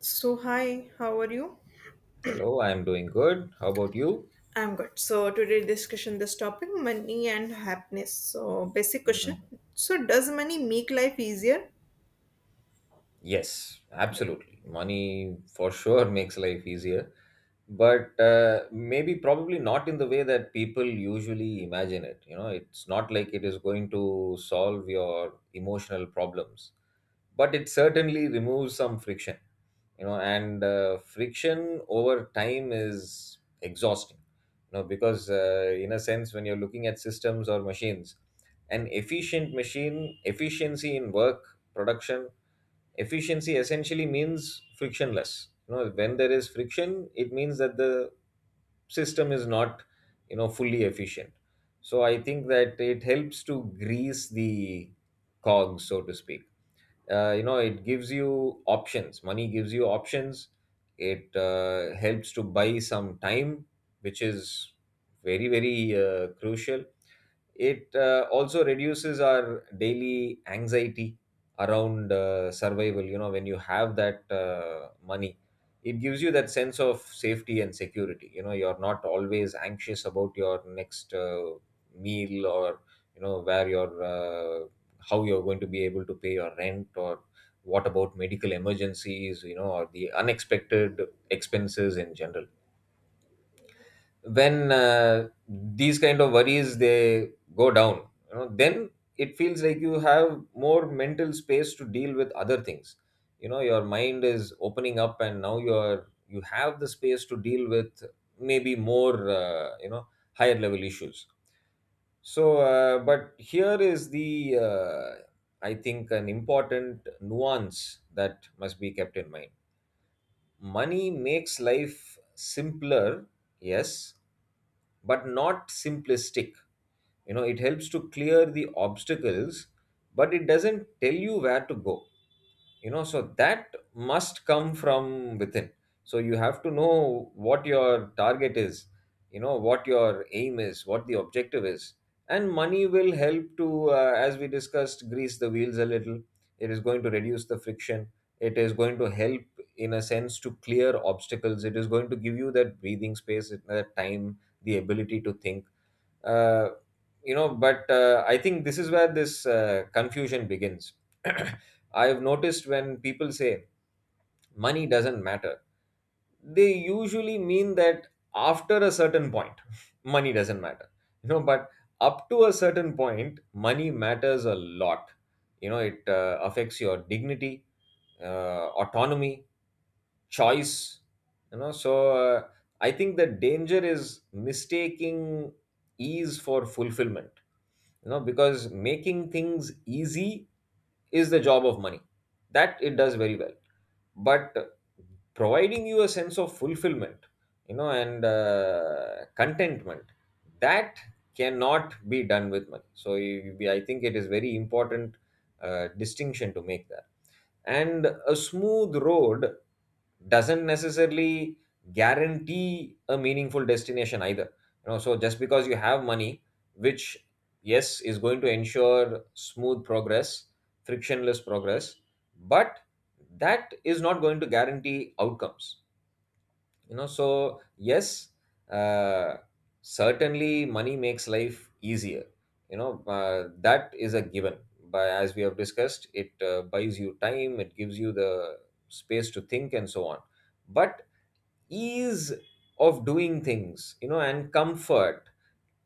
So hi, how are you? Hello, I'm doing good. How about you? I'm good. So today discussion this topic money and happiness. So basic question. Mm, So does money make life easier? Yes, Yeah. absolutely. Money for sure makes life easier, but maybe probably not in the way that people usually imagine it. You know, it's not like it is going to solve your emotional problems, but it certainly removes some friction. You know and Friction over time is exhausting, because in a sense, when you're looking at systems or machines, an efficient machine, efficiency in work production, efficiency essentially means frictionless. You know, when there is friction, it means that the system is not, you know, fully efficient. So I think that it helps to grease the cogs, so to speak. You know, it gives you options. Money gives you options. It helps to buy some time, which is very, very crucial. It also reduces our daily anxiety around survival. You know, when you have that money, it gives you that sense of safety and security. You know, you're not always anxious about your next meal, or, you know, where you're, how you're going to be able to pay your rent, or what about medical emergencies, you know, or the unexpected expenses in general. When these kind of worries, they go down, you know, then it feels like you have more mental space to deal with other things. Your mind is opening up, and now you have the space to deal with maybe more, you know, higher level issues. So uh, but here is the uh, I think an important nuance that must be kept in mind: money makes life simpler, yes, but not simplistic. You know, it helps to clear the obstacles, but it doesn't tell you where to go. You know, so that must come from within. So you have to know what your target is, you know, what your aim is, what the objective is. And money will help to, as we discussed, grease the wheels a little. It is going to reduce the friction. It is going to help, in a sense, to clear obstacles. It is going to give you that breathing space, that time, the ability to think. Uh, you know but I think this is where this confusion begins. I have noticed, when people say money doesn't matter, they usually mean that after a certain point money doesn't matter. You know, but up to a certain point, money matters a lot. It affects your dignity, autonomy, choice. You know so uh, I think the danger is mistaking ease for fulfillment. You know, because making things easy is the job of money. That it does very well. But providing you a sense of fulfillment, and contentment, that cannot be done with money. So I think it is very important, distinction to make that. And a smooth road doesn't necessarily guarantee a meaningful destination either. You know, so just because you have money, which, yes, is going to ensure smooth progress, frictionless progress, but that is not going to guarantee outcomes. You know, so yes, uh, certainly money makes life easier. That is a given. By, as we have discussed, it buys you time, it gives you the space to think, and so on. But ease of doing things, you know, and comfort,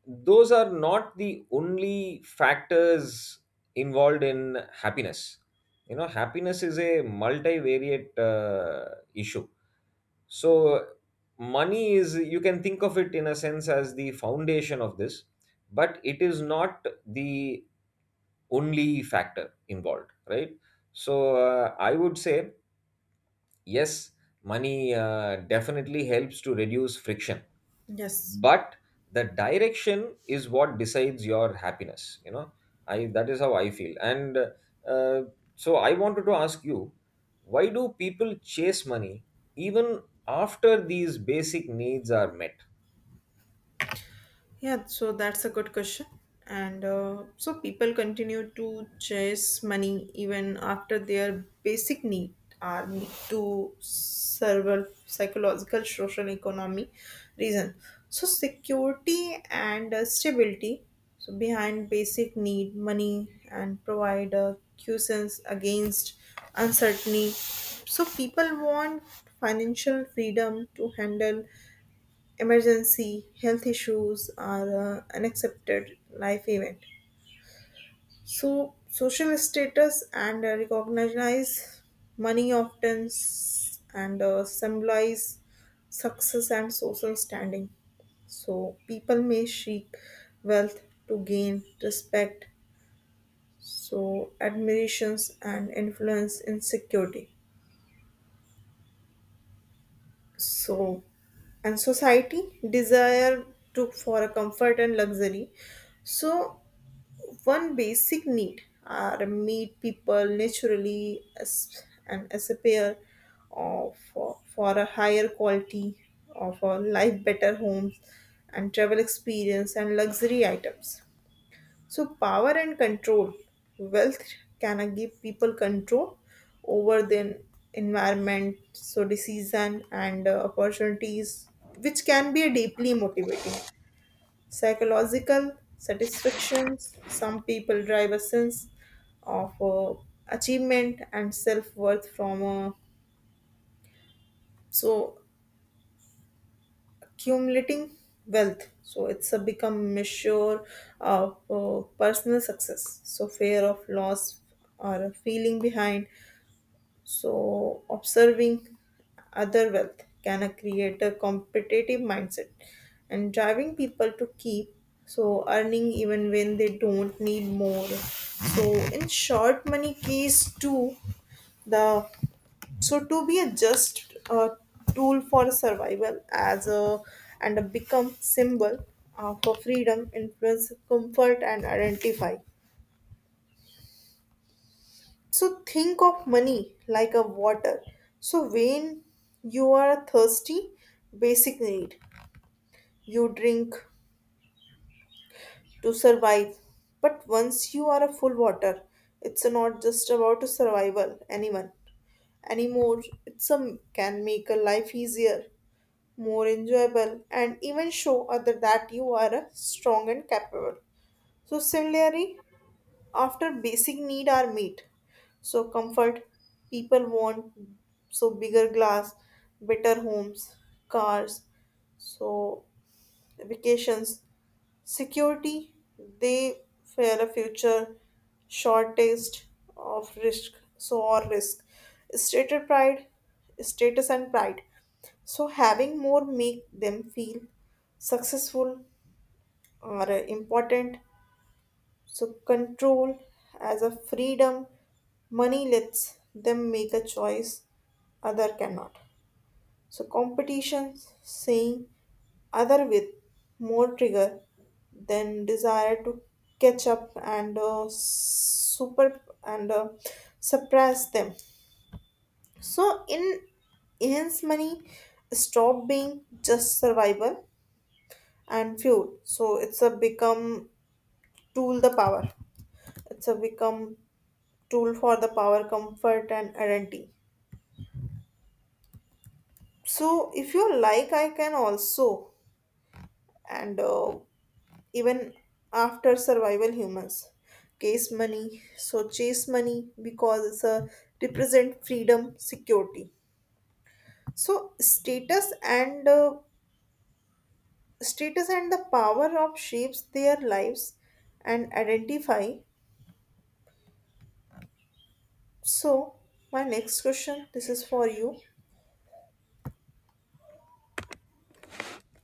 those are not the only factors involved in happiness. You know, happiness is a multivariate issue. So, money is, you can think of it in a sense as the foundation of this, but it is not the only factor involved, right? So, I would say, yes, money definitely helps to reduce friction, Yes. but the direction is what decides your happiness, you know. I that is how I feel. And uh, so i wanted to ask you, why do people chase money even after these basic needs are met? Yeah, so that's a good question. And so people continue to chase money even after their basic need are meet to several psychological, social, economy reason. So security and stability. So behind basic need, money and provide a cushions against uncertainty. So people want financial freedom to handle emergency health issues or unaccepted life event, so social status and recognize money often and symbolize success and social standing, so people may seek wealth to gain respect, so admirations and influence in security, so and society desire to for a comfort and luxury, so one basic need are meet people naturally as and as a pair of for a higher quality of a life, better homes and travel experience and luxury items. So power and control, wealth can give people control over their environment, so decision and opportunities which can be deeply motivating psychological satisfactions. Some people drive a sense of achievement and self worth from so accumulating wealth. So it's a become measure of personal success. So fear of loss or feeling behind. So, observing other wealth can create a competitive mindset and driving people to keep so earning even when they don't need more. So, in short, money keys to the so to be a just tool for survival as a and a become symbol for freedom, influence, comfort, and identify. So think of money like a water. So when you are thirsty, basic need, you drink to survive. But once you are a full water, it's not just about a survival anyone anymore. It's a can make a life easier, more enjoyable, and even show other that you are a strong and capable. So similarly, after basic need are met, so comfort, people want so bigger glass, better homes, cars, so vacations, security, they fear a future shortest of risk, so or risk, status pride status and pride, so having more make them feel successful or important. So, control as a freedom, money lets them make a choice other cannot. So, competition saying other with more trigger than desire to catch up and super and suppress them. So, in hence money stop being just survival and fuel. So, it's a become tool the power. It's a become tool for the power, comfort, and identity. So if you like I can also and even after survival, humans case money so chase money because it's a represent freedom, security, so status and the power of shapes their lives and identify. So my next question, this is for you.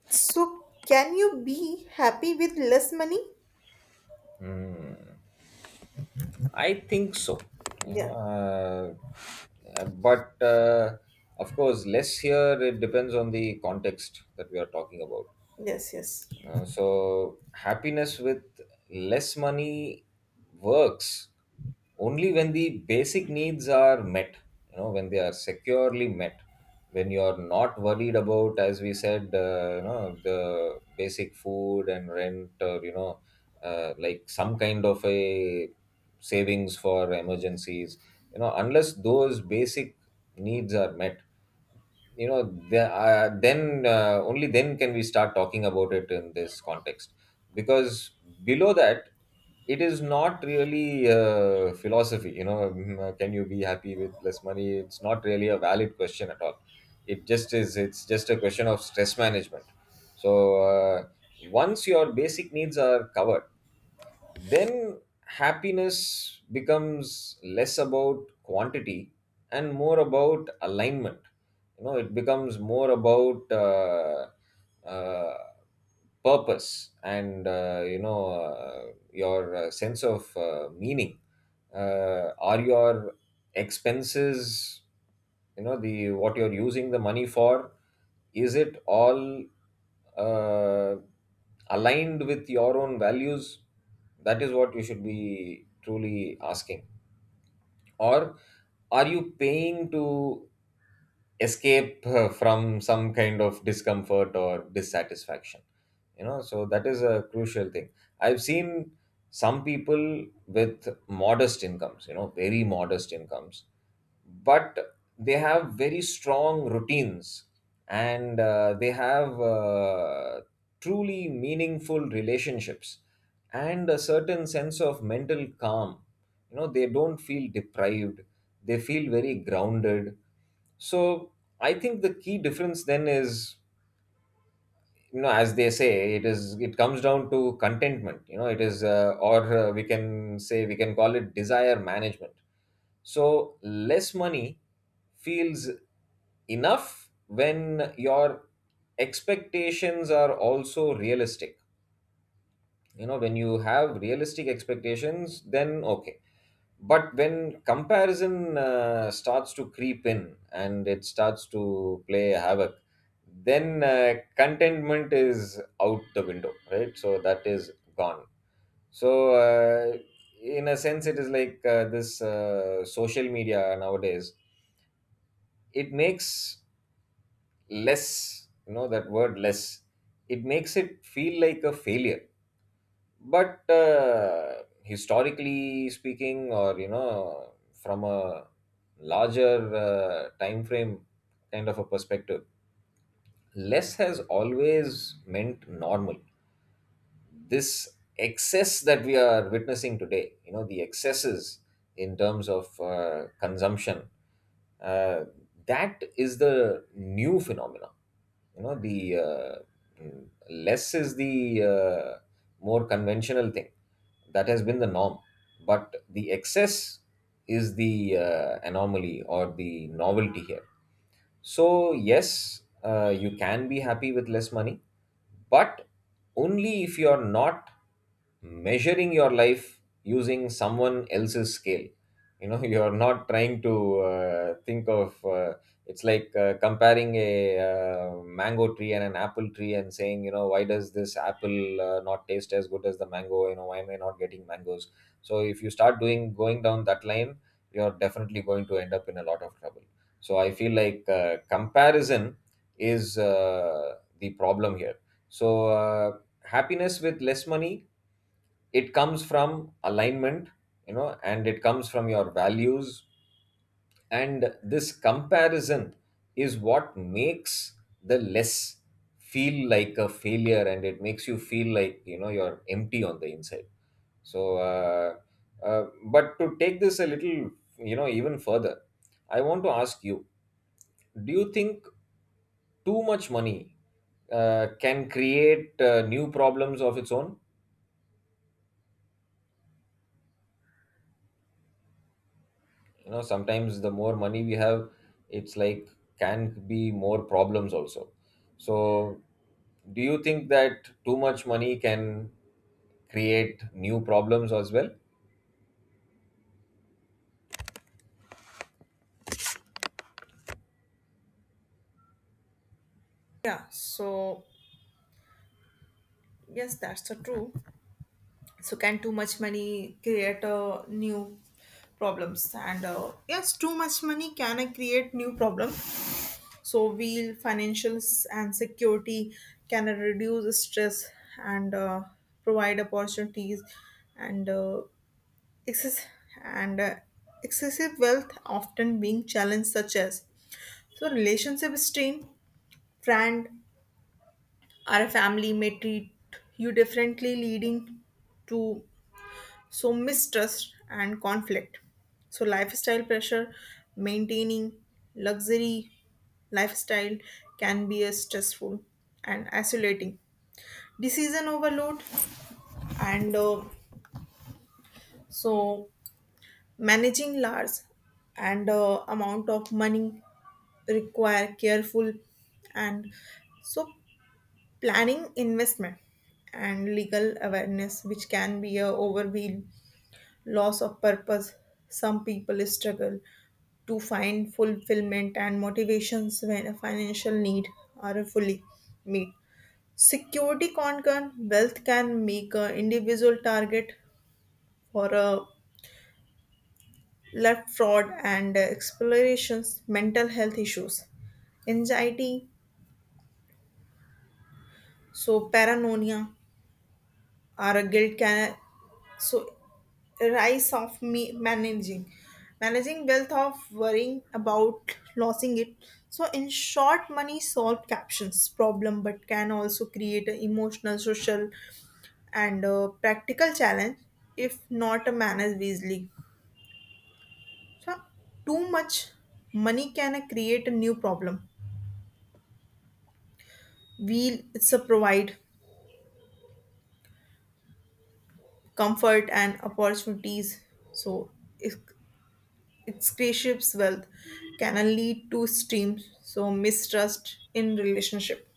So can you be happy with less money? Hmm, I think so, you know. Yeah. But Of course, less here, it depends on the context that we are talking about. Yes, yes. So happiness with less money works only when the basic needs are met. You know, when they are securely met, when you are not worried about, as we said, you know, the basic food and rent, or you know, like some kind of a savings for emergencies. You know, unless those basic needs are met, you know, the, then only then can we start talking about it in this context, because below that it is not really philosophy, you know. Can you be happy with less money? It's not really a valid question at all. It's just a question of stress management. So, once your basic needs are covered, then happiness becomes less about quantity and more about alignment. You know, it becomes more about, uh, purpose, and you know your sense of meaning. Are your expenses, you know, the, what you're using the money for, is it all uh, aligned with your own values? That is what you should be truly asking. Or, are you paying to escape from some kind of discomfort or dissatisfaction? You know, so that is a crucial thing. I've seen some people with modest incomes, you know, very modest incomes, but they have very strong routines, and they have truly meaningful relationships, and a certain sense of mental calm. You know, they don't feel deprived, they feel very grounded. So I think the key difference then is, you know, as they say, it is, it comes down to contentment. You know, it is, or we can call it desire management. So less money feels enough when your expectations are also realistic. You know, when you have realistic expectations, then okay. But when comparison starts to creep in, and it starts to play havoc, then contentment is out the window, right? So that is gone. So, in a sense, it is like, this social media nowadays, it makes less, you know, that word less, it makes it feel like a failure. But historically speaking, or you know, from a larger time frame kind of a perspective, less has always meant normal. This excess that we are witnessing today, you know, the excesses in terms of consumption, uh, that is the new phenomena. You know, the less is the more conventional thing, that has been the norm, but the excess is the anomaly or the novelty here. So, yes, you can be happy with less money, but only if you're not measuring your life using someone else's scale. You know, you're not trying to think of, it's like comparing a mango tree and an apple tree and saying, you know, why does this apple not taste as good as the mango? You know, why am I not getting mangoes? So, if you start doing going down that line, you're definitely going to end up in a lot of trouble. So I feel like comparison is the problem here. So, happiness with less money, it comes from alignment, you know, and it comes from your values. And this comparison is what makes the less feel like a failure, and it makes you feel like, you know, you're empty on the inside. So, uh, uh, but to take this a little, you know, even further, I want to ask you, do you think too much money can create new problems of its own? You know, sometimes the more money we have, it's like, can be more problems also. So, do you think that too much money can create new problems as well? Yeah, so yes, that's the true. So can too much money create new problems? And yes, too much money can create new problems. So we'll financials and security can reduce stress and provide opportunities and excess and uh, excessive wealth often being challenged such as so relationship strain, friend our family may treat you differently, leading to so mistrust and conflict. So, lifestyle pressure, maintaining luxury lifestyle can be a stressful and isolating. Decision overload, and so managing large and amount of money require careful and so planning, investment, and legal awareness which can be a overwhelm. Loss of purpose, some people struggle to find fulfillment and motivations when a financial need are fully met. Security concern, wealth can make an individual target for a left fraud and explorations. Mental health issues, anxiety, so paranoia or a guilt can. So, rise of me managing, wealth of worrying about losing it. So, in short, money solve captions problem, but can also create an emotional, social, and practical challenge if not managed wisely. So, too much money can create a new problem. We it's a provide comfort and opportunities. So, its spaceship's wealth can lead to extreme, so mistrust in relationship,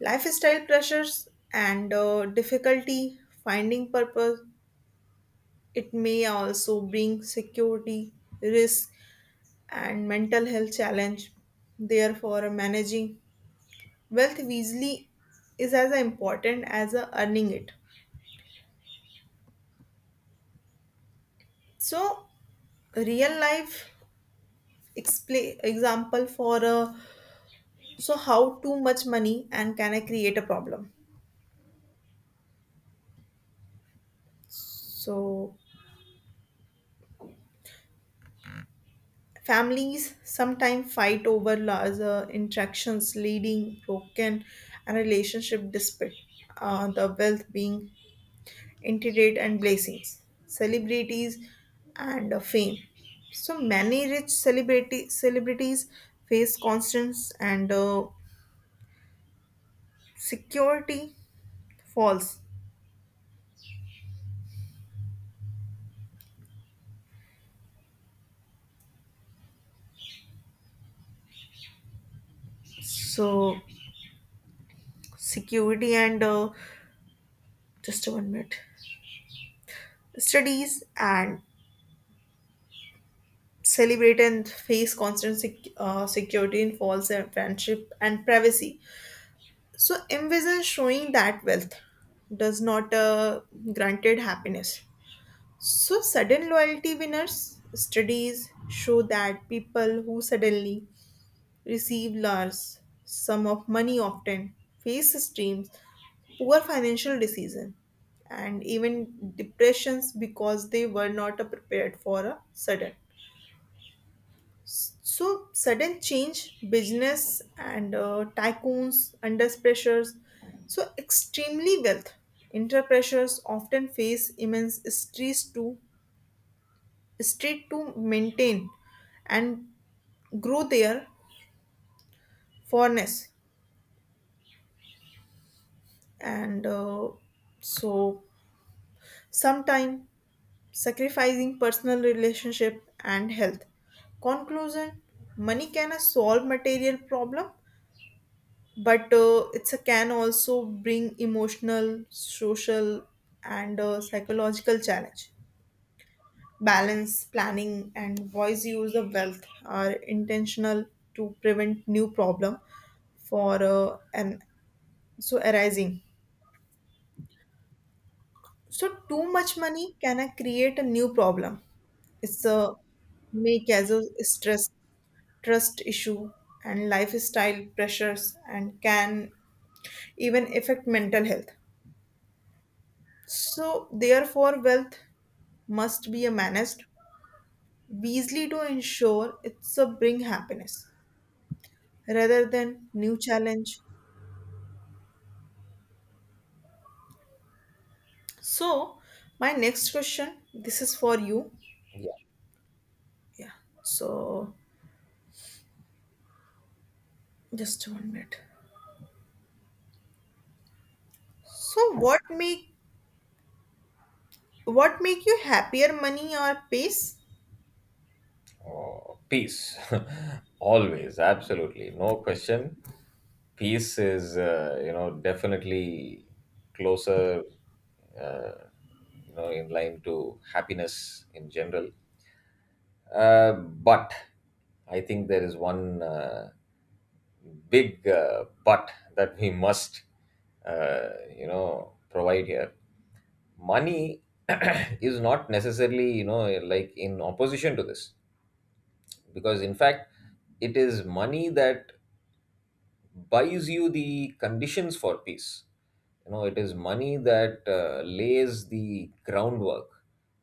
lifestyle pressures, and difficulty finding purpose. It may also bring security risk and mental health challenge. Therefore managing wealth wisely is as important as earning it. So real life expla example for so how too much money and can I create a problem. So families sometimes fight over larger interactions, leading broken and relationship despite the wealth being intricate and blessings. Celebrities and fame, so many rich celebrity celebrities face constants and security falls. So security and just one minute, studies and celebrate and face constant security in false friendship and privacy. So envision showing that wealth does not granted happiness. So sudden loyalty winners, studies show that people who suddenly receive large sum of money often face streams, poor financial decision, and even depressions because they were not prepared for a sudden. So sudden change, business and tycoons under pressures. So extremely wealth under pressures often face immense stress to maintain and grow their forness and so sometime sacrificing personal relationship and health. Conclusion: money can solve material problem, but it's a can also bring emotional, social, and psychological challenge. Balance planning and wise use of wealth are intentional to prevent new problem for an so arising. So too much money can create a new problem. It's a make as a stress, trust issue, and lifestyle pressures, and can even affect mental health. So, therefore, wealth must be managed wisely to ensure it's a bring happiness rather than new challenge. So, my next question, this is for you. Yeah. So, just one minute. So, what make you happier, money or peace? Oh, peace. Always, absolutely. No question. Peace is, you know, definitely closer, uh, you know, in line to happiness in general. But I think there is one big, but, that we must, uh, you know, provide here. Money is not necessarily, you know, like in opposition to this, because in fact it is money that buys you the conditions for peace. You know, it is money that lays the groundwork.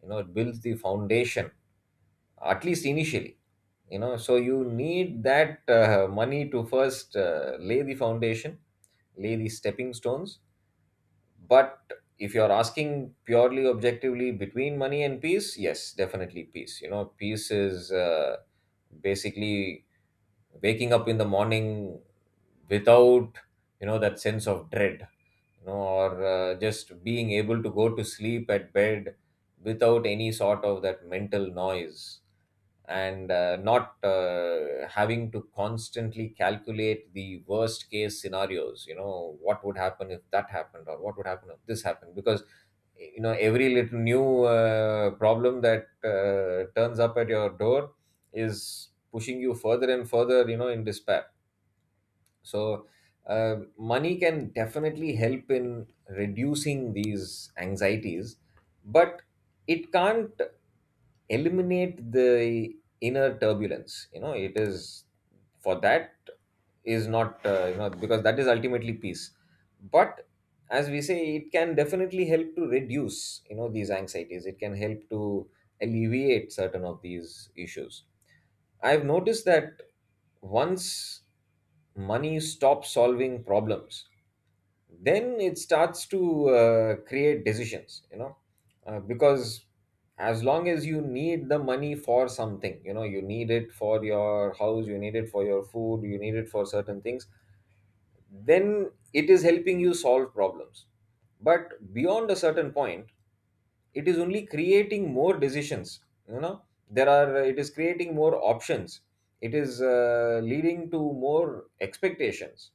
You know, it builds the foundation, at least initially. You know, so you need that money to first lay the foundation, lay the stepping stones. But if you're asking purely objectively between money and peace, yes, definitely peace. You know, peace is, basically, waking up in the morning without, you know, that sense of dread, you know, or just being able to go to sleep at bed without any sort of that mental noise, and not having to constantly calculate the worst case scenarios. You know, what would happen if that happened, or what would happen if this happened, because, you know, every little new problem that turns up at your door is pushing you further and further, you know, in despair. So money can definitely help in reducing these anxieties, but it can't eliminate the inner turbulence. You know, it is, for that, is not you know, because that is ultimately peace. But, as we say, it can definitely help to reduce, you know, these anxieties. It can help to alleviate certain of these issues. I've noticed that once money stops solving problems, then it starts to create decisions, you know. Because as long as you need the money for something, you know, you need it for your house, you need it for your food, you need it for certain things, then it is helping you solve problems. But beyond a certain point, it is only creating more decisions, you know. There are, it is creating more options. It is leading to more expectations.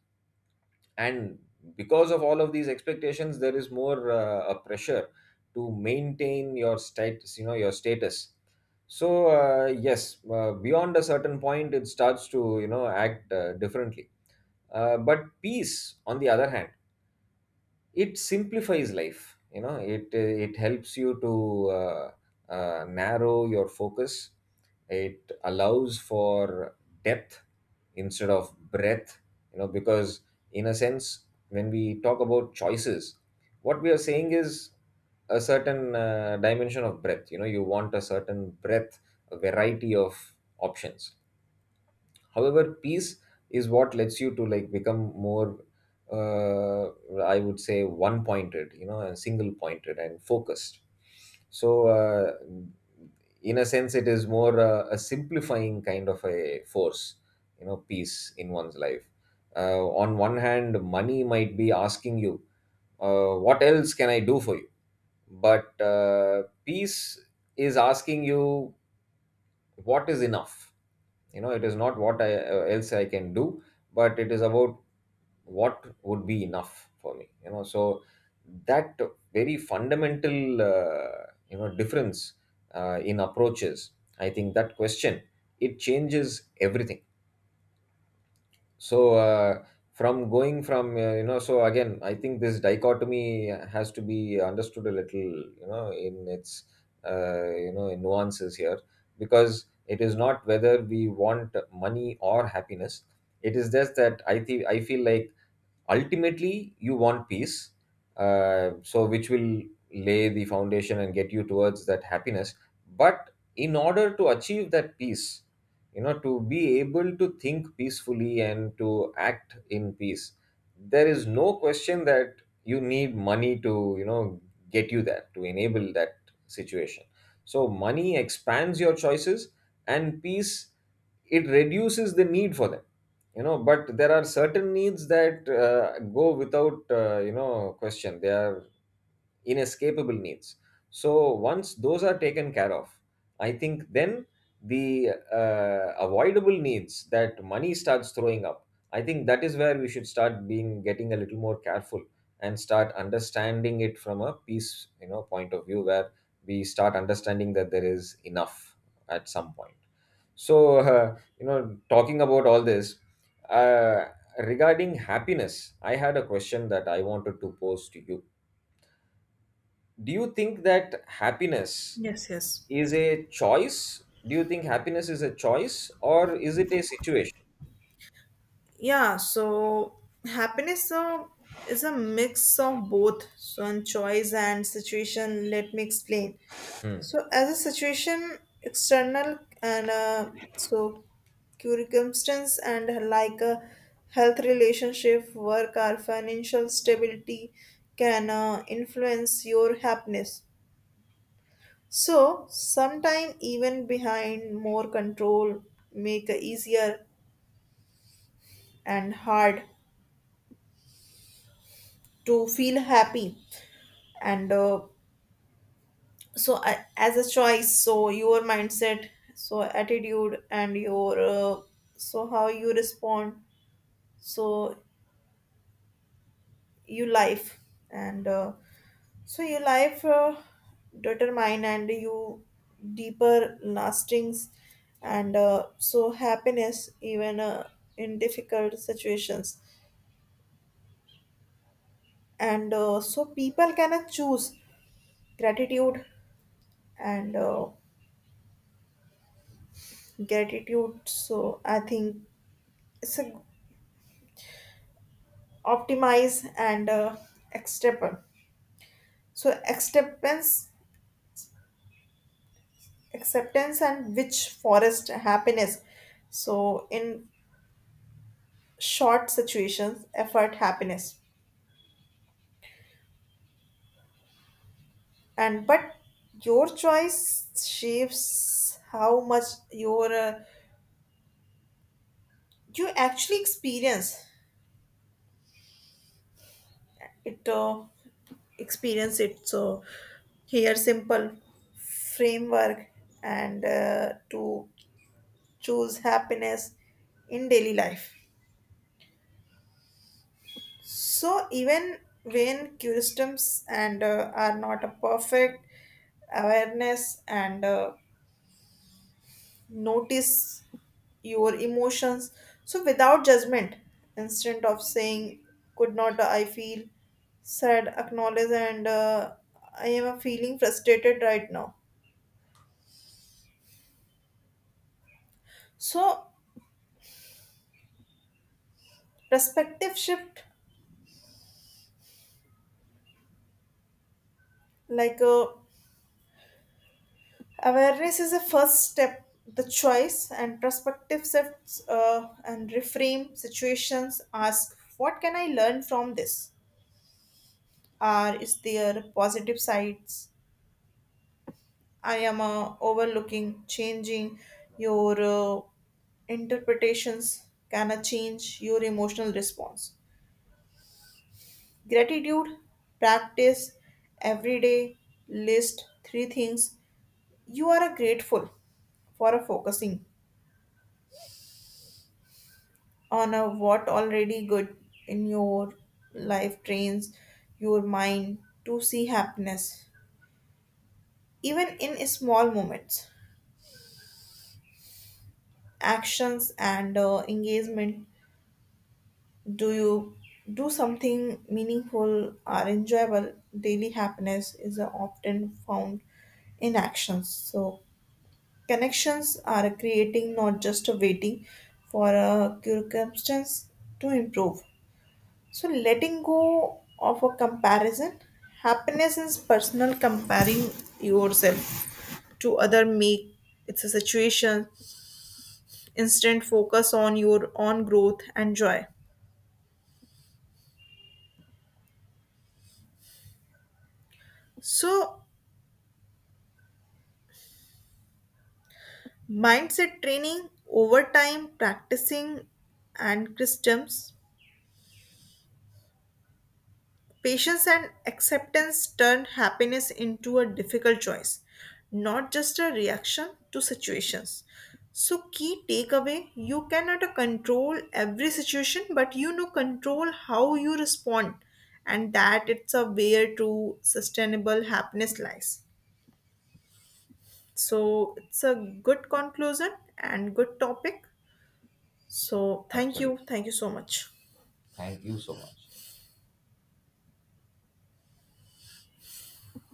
And because of all of these expectations, there is more a pressure to maintain your status, you know, your status. So yes, beyond a certain point it starts to, you know, act differently. But peace, on the other hand, it simplifies life. You know, it helps you to uh, narrow your focus. It allows for depth instead of breadth. You know, because in a sense, when we talk about choices, what we are saying is a certain dimension of breadth. You know, you want a certain breadth, a variety of options. However, peace is what lets you to, like, become more, uh, I would say, one pointed, you know, and single pointed and focused. So in a sense, it is more a simplifying kind of a force, you know, peace in one's life. On one hand, money might be asking you, what else can I do for you? But peace is asking you, what is enough? You know, it is not what else I can do, but it is about what would be enough for me. You know, so that very fundamental you know, difference in approaches, I think that question, it changes everything. So from going from, you know, so again, I think this dichotomy has to be understood a little, you know, in its you know, in nuances here, because it is not whether we want money or happiness. It is just that I think, I feel like ultimately you want peace. So which will lay the foundation and get you towards that happiness. But in order to achieve that peace, you know, to be able to think peacefully and to act in peace, there is no question that you need money to, you know, get you there, to enable that situation. So money expands your choices, and peace, it reduces the need for them. You know, but there are certain needs that go without you know, question. They are inescapable needs. So once those are taken care of, I think then the avoidable needs that money starts throwing up, I think that is where we should start being getting a little more careful, and start understanding it from a peace, you know, point of view, where we start understanding that there is enough at some point. So, you know, talking about all this, uh, regarding happiness, I had a question that I wanted to pose to you. Do you think that happiness Yes, yes. is a choice? Do you think happiness is a choice or is it a situation? Yeah, so happiness so is a mix of both, so and choice and situation. Let me explain. Hmm, So as a situation, external and so circumstance and like a health, relationship, work, or financial stability can influence your happiness. So sometime even behind more control make easier and hard to feel happy. And so I as a choice, so your mindset, so attitude, and your so how you respond, so your life and so your life determine and you deeper lastings. And so happiness even in difficult situations, and so people cannot choose gratitude, and gratitude so I think it's a optimize and acceptance, so acceptance, and which forest happiness. So in short, situations effort happiness, and but your choice shapes how much your you actually experience it, so here simple framework and to choose happiness in daily life. So even when customs and are not a perfect awareness, and notice your emotions so without judgment. Instead of saying, could not I feel sad, acknowledge and I am feeling frustrated right now. So perspective shift, like a. Awareness is a first step. The choice and perspective shifts and reframe situations. Ask, what can I learn from this? Are Is there positive sides I am overlooking? Changing your interpretations can change your emotional response. Gratitude, practice every day, list three things you are grateful for, focusing on a what already good in your life trains your mind to see happiness even in small moments. Actions and engagement, do you do something meaningful or enjoyable daily. Happiness is often found in actions, so connections are creating, not just waiting for a circumstance to improve. So letting go of a comparison, happiness is personal. Comparing yourself to other make it's a situation, instant focus on your own growth and joy. So mindset training over time, practicing and systems. Patience and acceptance turn happiness into a difficult choice, not just a reaction to situations. So, key takeaway, you cannot control every situation, but control how you respond, and that it's a way to sustainable happiness lies. So, it's a good conclusion and good topic. So, thank you. absolutely. Thank you so much. Thank you so much.